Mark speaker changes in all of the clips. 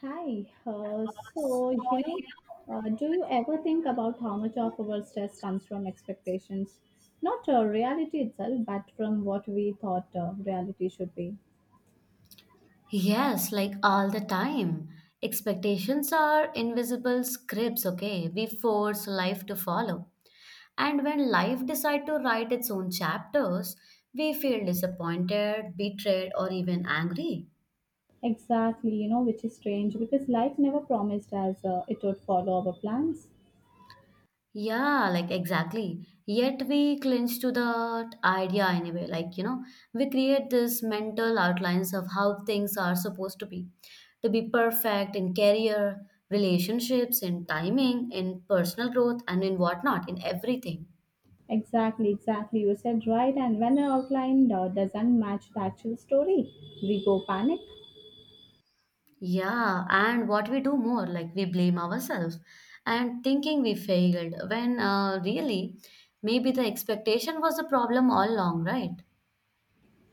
Speaker 1: Hi. So, do you ever think about how much of our stress comes from expectations? Not reality itself, but from what we thought reality should be.
Speaker 2: Yes, like all the time. Expectations are invisible scripts, okay? We force life to follow. And when life decides to write its own chapters, we feel disappointed, betrayed, or even angry.
Speaker 1: Exactly, which is strange because life never promised us it would follow our plans.
Speaker 2: Yeah, like exactly. Yet we clinch to that idea anyway. Like, you know, we create this mental outlines of how things are supposed to be perfect in career, relationships, in timing, in personal growth, and in whatnot, in everything.
Speaker 1: Exactly, exactly. You said right. And when an outline doesn't match the actual story, we go panic.
Speaker 2: Yeah, and what we do more, like we blame ourselves and thinking we failed when really maybe the expectation was the problem all along, right?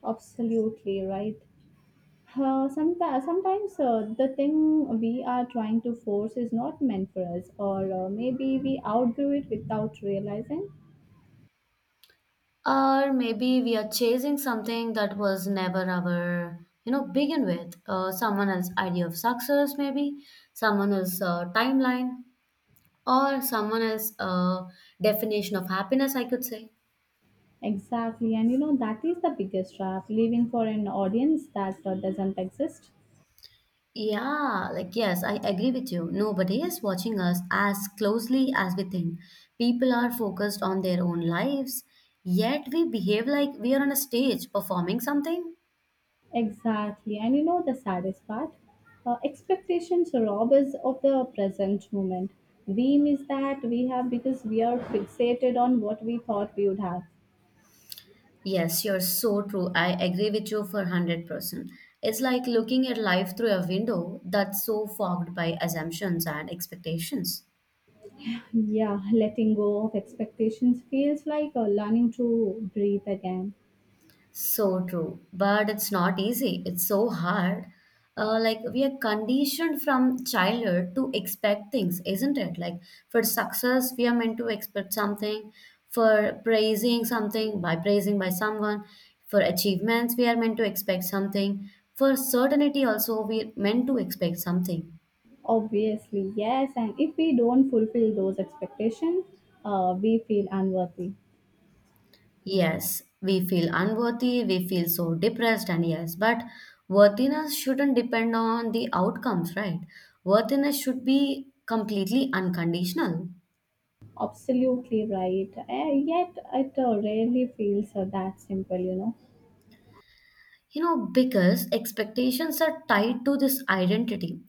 Speaker 1: Absolutely right. Sometimes the thing we are trying to force is not meant for us, or maybe we outgrew it without realizing.
Speaker 2: Or maybe we are chasing something that was never our, you know, begin with someone else's idea of success, maybe someone else's timeline or someone else's definition of happiness, I could say.
Speaker 1: Exactly, and you know that is the biggest trap leaving for an audience that doesn't exist.
Speaker 2: Yeah, like yes, I agree with you. Nobody is watching us as closely as we think. People are focused on their own lives, yet we behave like we are on a stage performing something.
Speaker 1: Exactly, and you know the saddest part, expectations rob us of the present moment. We miss that we have because we are fixated on what we thought we would have.
Speaker 2: Yes, you're so true. I agree with you for 100%. It's like looking at life through a window that's so fogged by assumptions and expectations.
Speaker 1: Yeah, letting go of expectations feels like learning to breathe again.
Speaker 2: So true, but it's not easy. It's so hard. Like we are conditioned from childhood to expect things, isn't it? Like for success, we are meant to expect something. For praising something by praising by someone, for achievements, we are meant to expect something. For certainty, also we are meant to expect something.
Speaker 1: Obviously, yes, and if we don't fulfill those expectations, we feel unworthy.
Speaker 2: Yes, we feel unworthy, we feel so depressed, and yes, but worthiness shouldn't depend on the outcomes, right? Worthiness should be completely unconditional.
Speaker 1: Absolutely right. Yet it rarely feels that simple.
Speaker 2: You know, because expectations are tied to this identity.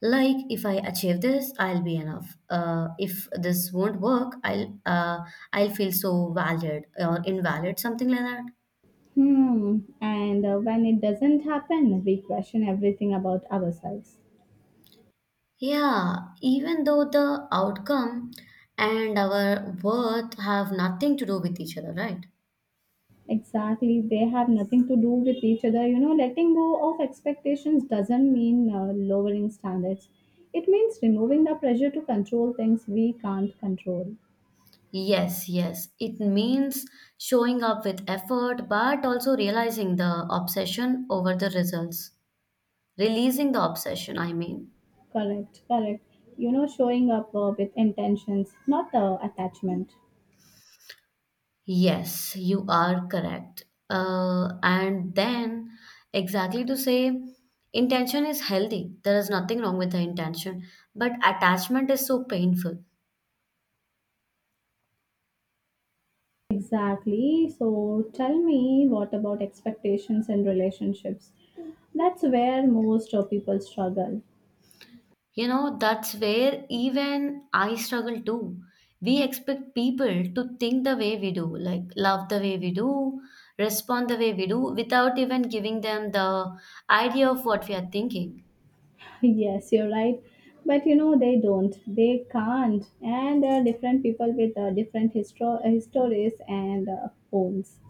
Speaker 2: Like, if I achieve this, I'll be enough. If this won't work, I'll feel so valid or invalid, something like that.
Speaker 1: Hmm. And when it doesn't happen, we question everything about ourselves.
Speaker 2: Yeah, even though the outcome and our worth have nothing to do with each other, right?
Speaker 1: Exactly. They have nothing to do with each other. You know, letting go of expectations doesn't mean lowering standards. It means removing the pressure to control things we can't control.
Speaker 2: Yes, yes. It means showing up with effort, but also realizing the obsession over the results. Releasing the obsession, I mean.
Speaker 1: Correct, correct. You know, showing up with intentions, not the attachment.
Speaker 2: Yes, you are correct. And then, exactly to say, intention is healthy. There is nothing wrong with the intention, but attachment is so painful.
Speaker 1: Exactly. So tell me, what about expectations in relationships? That's where most people struggle.
Speaker 2: You know, that's where even I struggle too. We expect people to think the way we do, like love the way we do, respond the way we do, without even giving them the idea of what we are thinking.
Speaker 1: Yes, you're right. But you know, they don't. They can't. And there are different people with different histories and homes.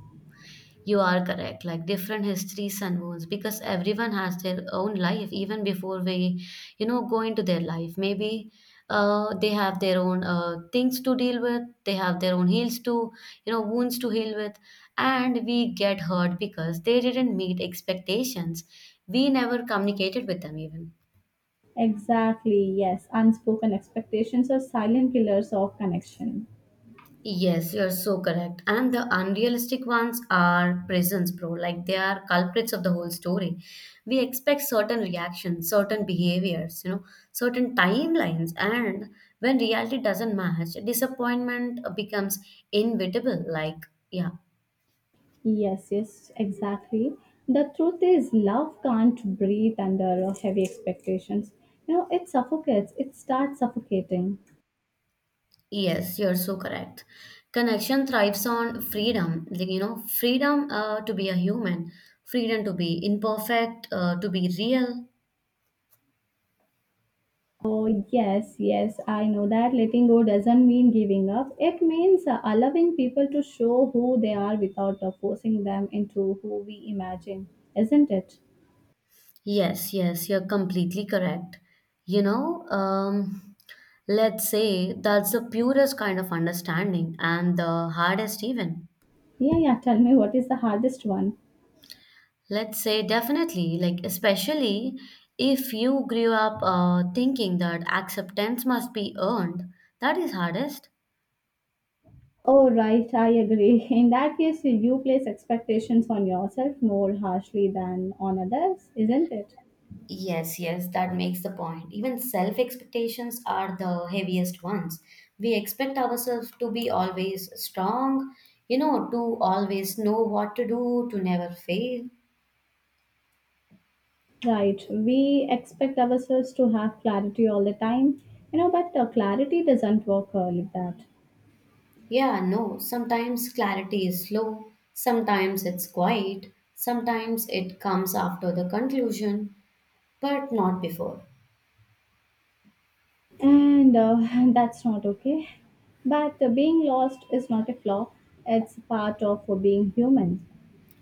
Speaker 2: You are correct. Like different histories and wounds, because everyone has their own life, even before we, you know, go into their life. Maybe they have their own things to deal with. They have their own heals to, you know, wounds to heal with, and we get hurt because they didn't meet expectations. We never communicated with them even.
Speaker 1: Exactly, yes. Unspoken expectations are silent killers of connection.
Speaker 2: Yes, you're so correct. And the unrealistic ones are prisons, bro. Like they are culprits of the whole story. We expect certain reactions, certain behaviors, you know, certain timelines. And when reality doesn't match, disappointment becomes inevitable. Like, yeah,
Speaker 1: Yes, yes, exactly. The truth is, love can't breathe under heavy expectations. You know, it suffocates, it starts suffocating.
Speaker 2: yes, you're so correct. Connection thrives on freedom. Like, you know, freedom to be a human, freedom to be imperfect, to be real.
Speaker 1: Oh, yes, yes, I know that letting go doesn't mean giving up. It means allowing people to show who they are without forcing them into who we imagine, isn't it?
Speaker 2: Yes, yes, you're completely correct. You know, let's say that's the purest kind of understanding and the hardest, even.
Speaker 1: Yeah, yeah, tell me, what is the hardest one?
Speaker 2: Let's say definitely, like, especially if you grew up thinking that acceptance must be earned, that is hardest.
Speaker 1: Oh, right, I agree. In that case, you place expectations on yourself more harshly than on others, isn't it?
Speaker 2: Yes, yes, that makes the point. Even self expectations are the heaviest ones. We expect ourselves to be always strong, you know, to always know what to do, to never fail.
Speaker 1: Right. We expect ourselves to have clarity all the time, but clarity doesn't work like that.
Speaker 2: Yeah, no, sometimes clarity is slow, sometimes it's quiet, sometimes it comes after the conclusion, but not before.
Speaker 1: And that's not okay. But being lost is not a flaw, it's part of being human.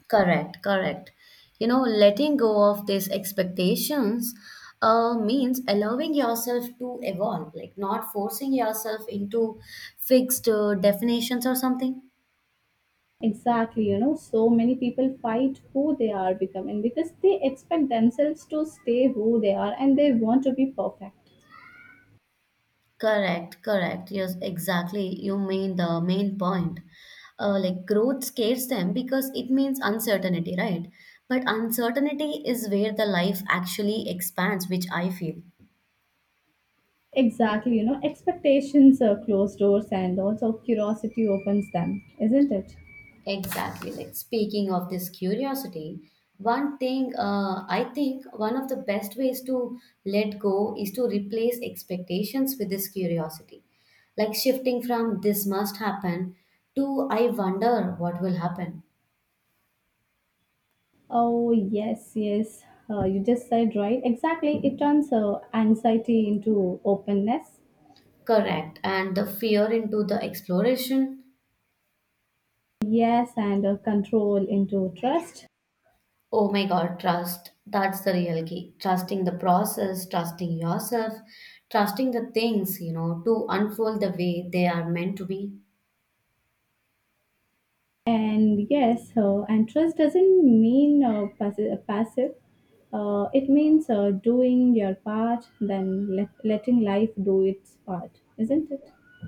Speaker 2: Correct, correct. You know, letting go of these expectations means allowing yourself to evolve, like not forcing yourself into fixed definitions or something.
Speaker 1: Exactly, so many people fight who they are becoming because they expect themselves to stay who they are and they want to be perfect.
Speaker 2: Correct, correct. Yes, exactly. You mean the main point. Like growth scares them because it means uncertainty, right? But uncertainty is where the life actually expands, which I feel.
Speaker 1: Exactly, expectations close doors, and also curiosity opens them, isn't it?
Speaker 2: Exactly. Like speaking of this curiosity, one thing I think one of the best ways to let go is to replace expectations with this curiosity. Like shifting from this must happen to I wonder what will happen.
Speaker 1: Oh, yes, yes. You just said right. Exactly. It turns anxiety into openness.
Speaker 2: Correct. And the fear into the exploration.
Speaker 1: Yes, and control into trust.
Speaker 2: Oh my God, trust. That's the real key. Trusting the process, trusting yourself, trusting the things, you know, to unfold the way they are meant to be.
Speaker 1: And yes, and trust doesn't mean passive. It means doing your part, then letting life do its part, isn't it?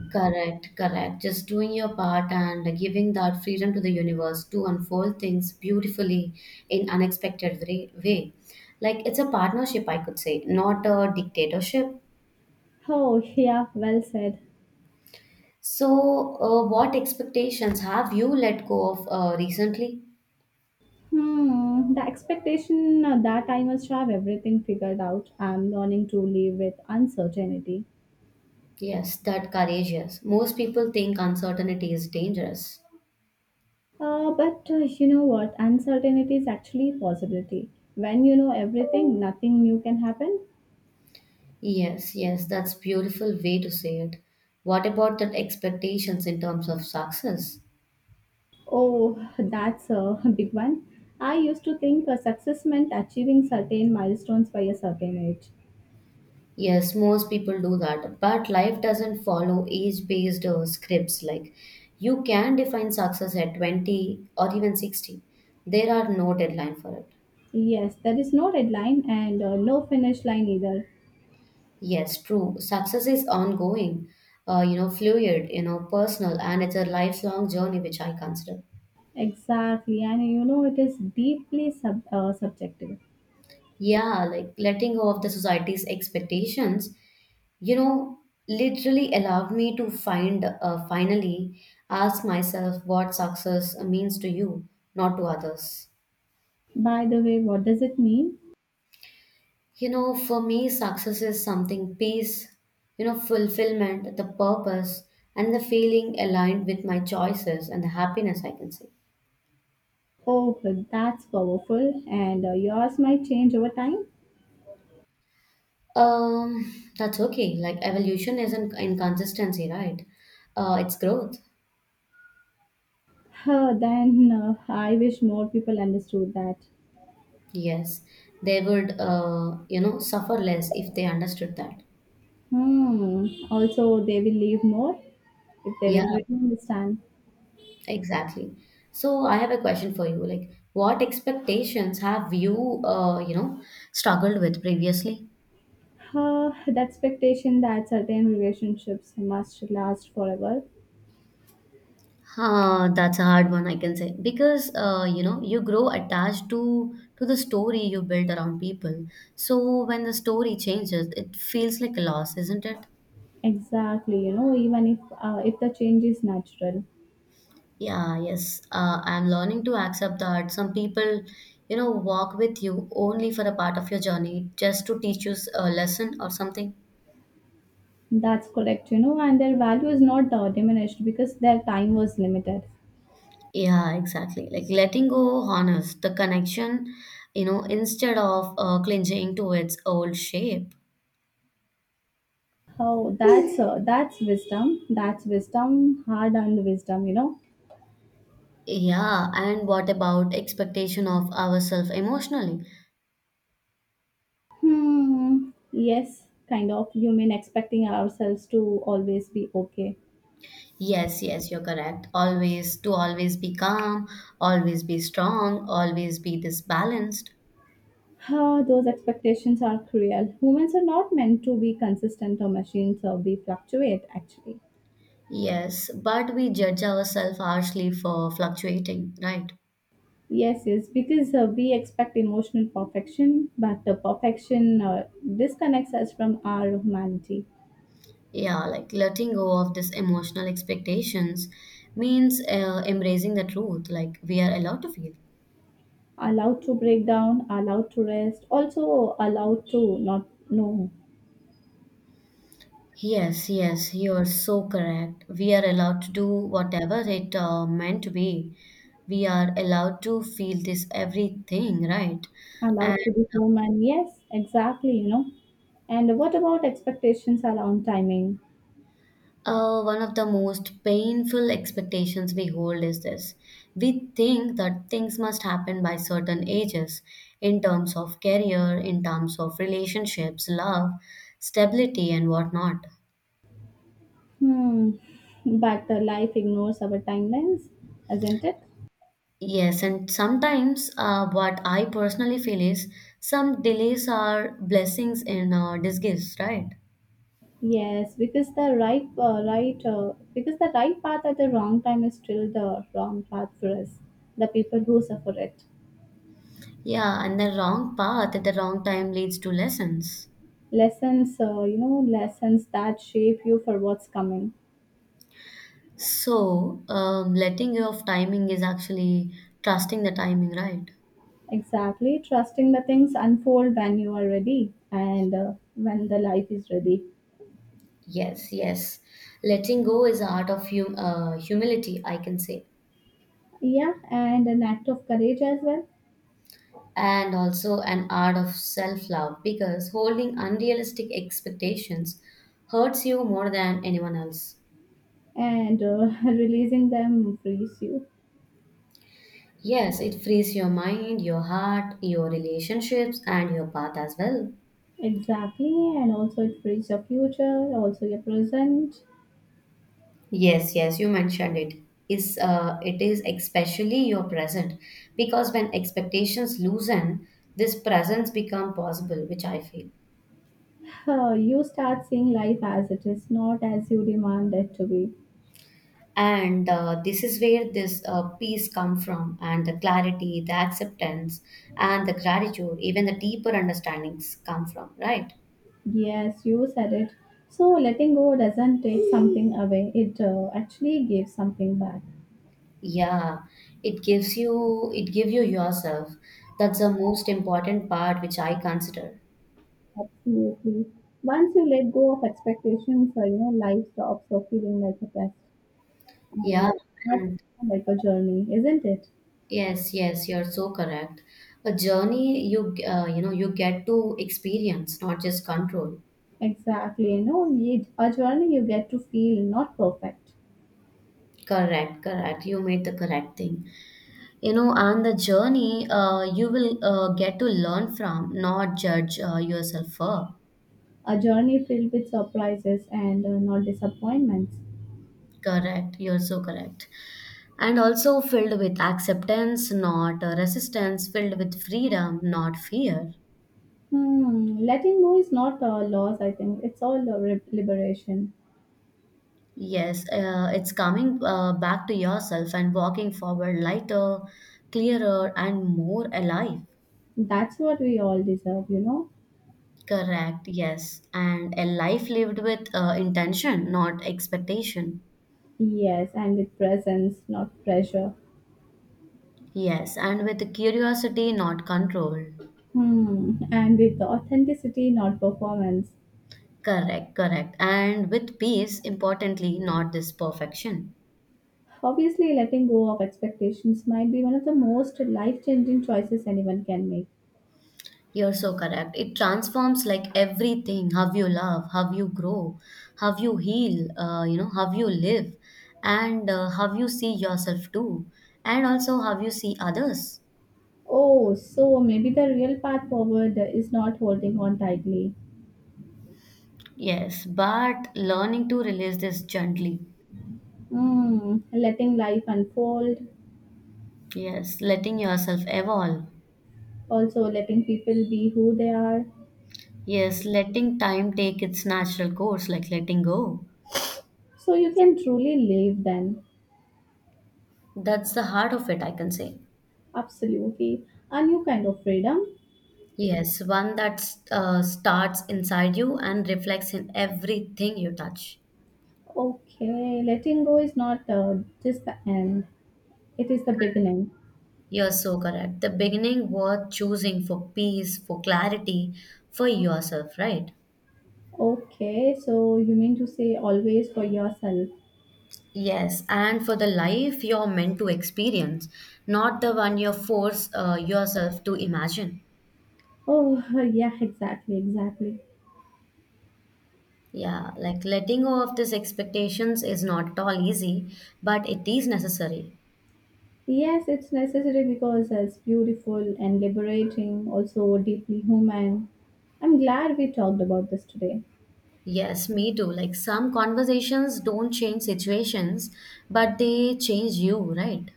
Speaker 2: Correct, correct. Just doing your part and giving that freedom to the universe to unfold things beautifully in unexpected way. Like it's a partnership, I could say, not a dictatorship.
Speaker 1: Oh, yeah, well said.
Speaker 2: So, what expectations have you let go of recently?
Speaker 1: The expectation that I must have everything figured out. I'm learning to live with uncertainty.
Speaker 2: Yes, that courageous. Most people think uncertainty is dangerous.
Speaker 1: But you know what? Uncertainty is actually a possibility. When you know everything, nothing new can happen.
Speaker 2: Yes, yes, that's beautiful way to say it. What about that expectations in terms of success?
Speaker 1: Oh, that's a big one. I used to think a success meant achieving certain milestones by a certain age.
Speaker 2: Yes, most people do that. But life doesn't follow age based scripts. Like, you can define success at 20 or even 60. There are no deadline for it.
Speaker 1: Yes, there is no red line and no finish line either.
Speaker 2: Yes, true. Success is ongoing, you know, fluid, you know, personal, and it's a lifelong journey, which I consider.
Speaker 1: Exactly, and you know it is deeply subjective.
Speaker 2: Yeah, like letting go of the society's expectations, you know, literally allowed me to find, finally, ask myself what success means to you, not to others.
Speaker 1: By the way, what does it mean?
Speaker 2: You know, for me, success is something peace, you know, fulfillment, the purpose, and the feeling aligned with my choices and the happiness I can see.
Speaker 1: Oh, well, that's powerful, and yours might change over time.
Speaker 2: Um, that's okay. Like evolution isn't inconsistency, right? It's growth.
Speaker 1: Huh, then I wish more people understood that.
Speaker 2: Yes, they would, you know, suffer less if they understood that.
Speaker 1: Hmm. Also, they will leave more if they
Speaker 2: Yeah,
Speaker 1: will really understand.
Speaker 2: exactly. So I have a question for you. Like, what expectations have you, you know, struggled with previously?
Speaker 1: The expectation that certain relationships must last forever.
Speaker 2: Huh, that's a hard one, I can say, because you know you grow attached to the story you built around people. So when the story changes, it feels like a loss, isn't it?
Speaker 1: Exactly, even if the change is natural.
Speaker 2: Yeah, yes. I'm learning to accept that some people, you know, walk with you only for a part of your journey, just to teach you a lesson or something.
Speaker 1: That's correct, and their value is not diminished because their time was limited.
Speaker 2: Yeah, exactly. Like letting go honors the connection, you know, instead of clinging to its old shape.
Speaker 1: Oh, that's wisdom. That's wisdom, hard-earned wisdom,
Speaker 2: Yeah, and what about expectation of ourselves emotionally?
Speaker 1: Hmm. Yes, kind of. You mean expecting ourselves to always be okay.
Speaker 2: Yes, yes, you're correct. Always to always be calm, always be strong, always be this balanced.
Speaker 1: Those expectations are cruel. Humans are not meant to be consistent or machines, or we fluctuate actually.
Speaker 2: Yes, but we judge ourselves harshly for fluctuating, right?
Speaker 1: Yes, yes, because we expect emotional perfection, but the perfection disconnects us from our humanity.
Speaker 2: Yeah, like letting go of this emotional expectations means embracing the truth, like we are allowed to feel.
Speaker 1: Allowed to break down, allowed to rest, also allowed to not know,
Speaker 2: Yes, yes, you are so correct. We are allowed to do whatever it meant to be. We are allowed to feel this everything, right? And
Speaker 1: allowed to be human. Yes, exactly. And what about expectations around timing?
Speaker 2: One of the most painful expectations we hold is this. We think that things must happen by certain ages in terms of career, in terms of relationships, love, stability, and whatnot.
Speaker 1: Hmm, but life ignores our timelines, isn't it?
Speaker 2: Yes, and sometimes what I personally feel is some delays are blessings in disguise, right?
Speaker 1: Yes, because the right path at the wrong time is still the wrong path for us, the people who suffer it.
Speaker 2: Yeah, and the wrong path at the wrong time leads to lessons.
Speaker 1: Lessons that shape you for what's coming.
Speaker 2: So, letting go of timing is actually trusting the timing, right?
Speaker 1: Exactly, trusting the things unfold when you are ready and when the life is ready.
Speaker 2: Yes, yes. Letting go is art of humility, I can say,
Speaker 1: Yeah, and an act of courage as well,
Speaker 2: and also an art of self-love because holding unrealistic expectations hurts you more than anyone else.
Speaker 1: and releasing them frees you.
Speaker 2: Yes, it frees your mind, your heart, your relationships, and your path as well.
Speaker 1: Exactly, and also it frees your future, also your present.
Speaker 2: Yes, yes, you mentioned it. Is it is especially your present because when expectations loosen, this presence become possible, which I feel.
Speaker 1: You start seeing life as it is, not as you demand it to be.
Speaker 2: And This is where this peace come from, and the clarity, the acceptance, and the gratitude, even the deeper understandings come from, right?
Speaker 1: Yes, you said it. So letting go doesn't take something away, it actually gives something back.
Speaker 2: Yeah, it gives you it give you yourself. That's the most important part which I consider.
Speaker 1: Absolutely. Once you let go of expectations, life stops feeling like a test
Speaker 2: Yeah,
Speaker 1: and starts
Speaker 2: and
Speaker 1: like a journey, isn't it?
Speaker 2: yes, yes, you're so correct. A journey you you know you get to experience, not just control.
Speaker 1: Exactly. No, a journey you get to feel not perfect,
Speaker 2: Correct, correct. You made the correct thing. You know, on the journey, you will get to learn from, not judge yourself for.
Speaker 1: a journey filled with surprises and not disappointments.
Speaker 2: Correct. You're so correct. And also filled with acceptance, not resistance, filled with freedom, not fear.
Speaker 1: Letting go is not a loss, I think. It's all a liberation.
Speaker 2: Yes, it's coming back to yourself and walking forward lighter, clearer, and more alive.
Speaker 1: That's what we all deserve, you know?
Speaker 2: Correct, yes. And a life lived with intention, not expectation.
Speaker 1: Yes, and with presence, not pressure.
Speaker 2: Yes, and with curiosity, not control.
Speaker 1: And with the authenticity, not performance.
Speaker 2: Correct, correct. And with peace, importantly, not this perfection.
Speaker 1: Obviously, letting go of expectations might be one of the most life changing choices anyone can make.
Speaker 2: You're so correct. It transforms like everything, how you love, how you grow, how you heal, you know, how you live, and how you see yourself too, and also how you see others.
Speaker 1: Oh, so maybe the real path forward is not holding on tightly.
Speaker 2: Yes, but learning to release this gently.
Speaker 1: Letting life unfold,
Speaker 2: Yes, letting yourself evolve.
Speaker 1: also letting people be who they are.
Speaker 2: Yes, letting time take its natural course, like letting go.
Speaker 1: So you can truly live then.
Speaker 2: That's the heart of it, I can say.
Speaker 1: Absolutely. A new kind of freedom.
Speaker 2: Yes, one that starts inside you and reflects in everything you touch.
Speaker 1: Okay, letting go is not just the end, it is the beginning.
Speaker 2: You're so correct. The beginning worth choosing for peace, for clarity, for yourself, right?
Speaker 1: Okay, so you mean to say always for yourself?
Speaker 2: Yes, and for the life you're meant to experience, not the one you force yourself to imagine.
Speaker 1: Oh, yeah, exactly, exactly.
Speaker 2: Yeah, like letting go of these expectations is not at all easy, but it is necessary.
Speaker 1: Yes, it's necessary because it's beautiful and liberating, also deeply human. I'm glad we talked about this today.
Speaker 2: Yes, me too. Like some conversations don't change situations, but they change you, right?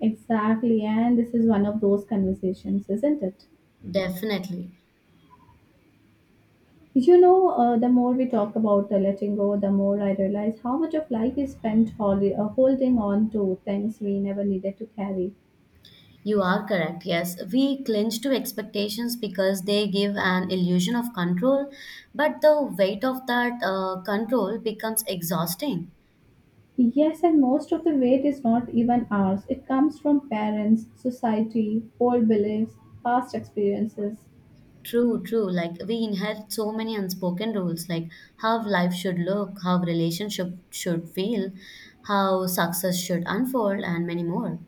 Speaker 1: Exactly, and this is one of those conversations, isn't it?
Speaker 2: Definitely.
Speaker 1: The more we talk about the letting go, the more I realize how much of life is spent holding on to things we never needed to carry.
Speaker 2: You are correct. Yes, we cling to expectations because they give an illusion of control, but the weight of that control becomes exhausting.
Speaker 1: Yes, and most of the weight is not even ours. It comes from parents, society, old beliefs, past experiences.
Speaker 2: True, true. Like we inherit so many unspoken rules, like how life should look, how relationship should feel, how success should unfold, and many more.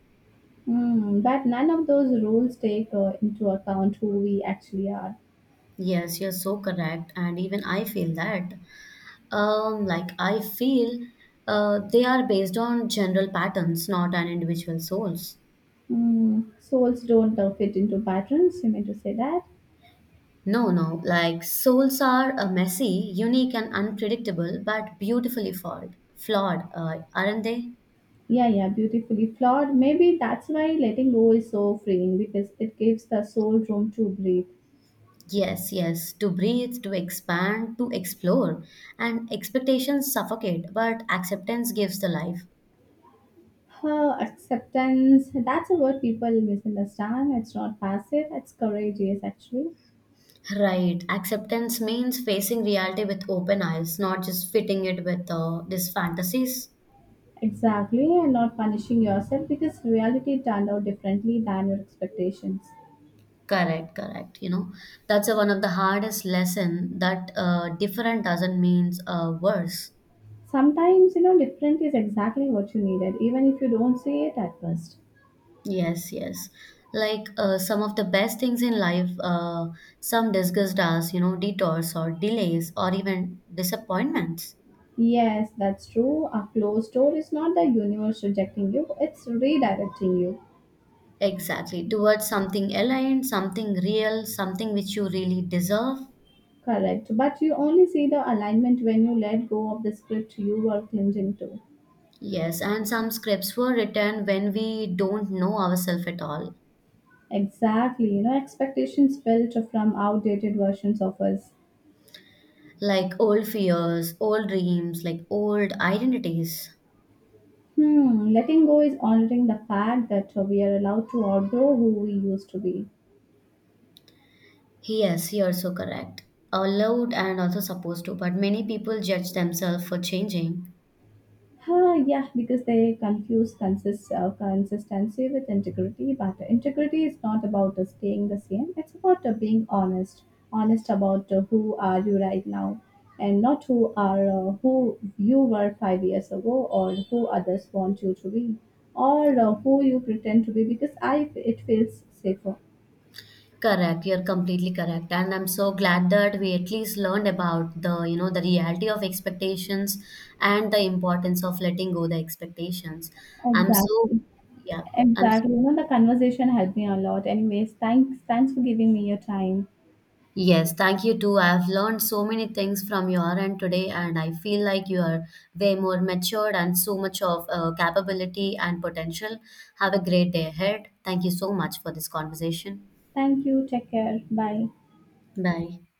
Speaker 1: But none of those rules take into account who we actually are.
Speaker 2: Yes, you're so correct, and even I feel that. Like I feel, they are based on general patterns, not on individual souls.
Speaker 1: Souls don't fit into patterns, you mean to say that?
Speaker 2: No, no, like souls are messy, unique, and unpredictable, but beautifully flawed. Flawed, aren't they?
Speaker 1: Yeah, yeah, beautifully flawed. Maybe that's why letting go is so freeing because it gives the soul room to breathe.
Speaker 2: Yes, yes, to breathe, to expand, to explore. And expectations suffocate, but acceptance gives the life.
Speaker 1: Her acceptance, that's a word people misunderstand. It's not passive, it's courageous actually.
Speaker 2: Right, acceptance means facing reality with open eyes, not just fitting it with these fantasies.
Speaker 1: Exactly, and not punishing yourself because reality turned out differently than your expectations.
Speaker 2: Correct, correct. You know, that's one of the hardest lesson that different doesn't means worse.
Speaker 1: Sometimes, different is exactly what you needed, even if you don't see it at first.
Speaker 2: Yes, yes. Like some of the best things in life, some disgust us, you know, detours or delays or even disappointments.
Speaker 1: Yes, that's true. A closed door is not the universe rejecting you, it's redirecting you.
Speaker 2: Exactly, towards something aligned, something real, something which you really deserve.
Speaker 1: Correct. But you only see the alignment when you let go of the script you were clinging to.
Speaker 2: Yes, and some scripts were written when we don't know ourselves at all,
Speaker 1: Exactly. You know, expectations built from outdated versions of us.
Speaker 2: like old fears, old dreams, like old identities.
Speaker 1: Hmm. Letting go is honoring the fact that we are allowed to outgrow who we used to be.
Speaker 2: Yes, you're so correct. Allowed and also supposed to, but many people judge themselves for changing.
Speaker 1: Yeah, because they confuse consistency with integrity. But integrity is not about staying the same. It's about being honest, about who are you right now, and not who you were 5 years ago, or who others want you to be, or who you pretend to be. Because it feels safer.
Speaker 2: Correct. You're completely correct. And I'm so glad that we at least learned about the, you know, the reality of expectations and the importance of letting go the expectations. I'm so,
Speaker 1: Exactly.
Speaker 2: yeah, I'm so,
Speaker 1: Exactly. You know, the conversation helped me a lot. Anyways, thanks. Thanks for giving me your time.
Speaker 2: yes, thank you too. I've learned so many things from your end today, and I feel like you are way more matured and so much of capability and potential. Have a great day ahead. Thank you so much for this conversation.
Speaker 1: Thank you. Take care. Bye.
Speaker 2: Bye.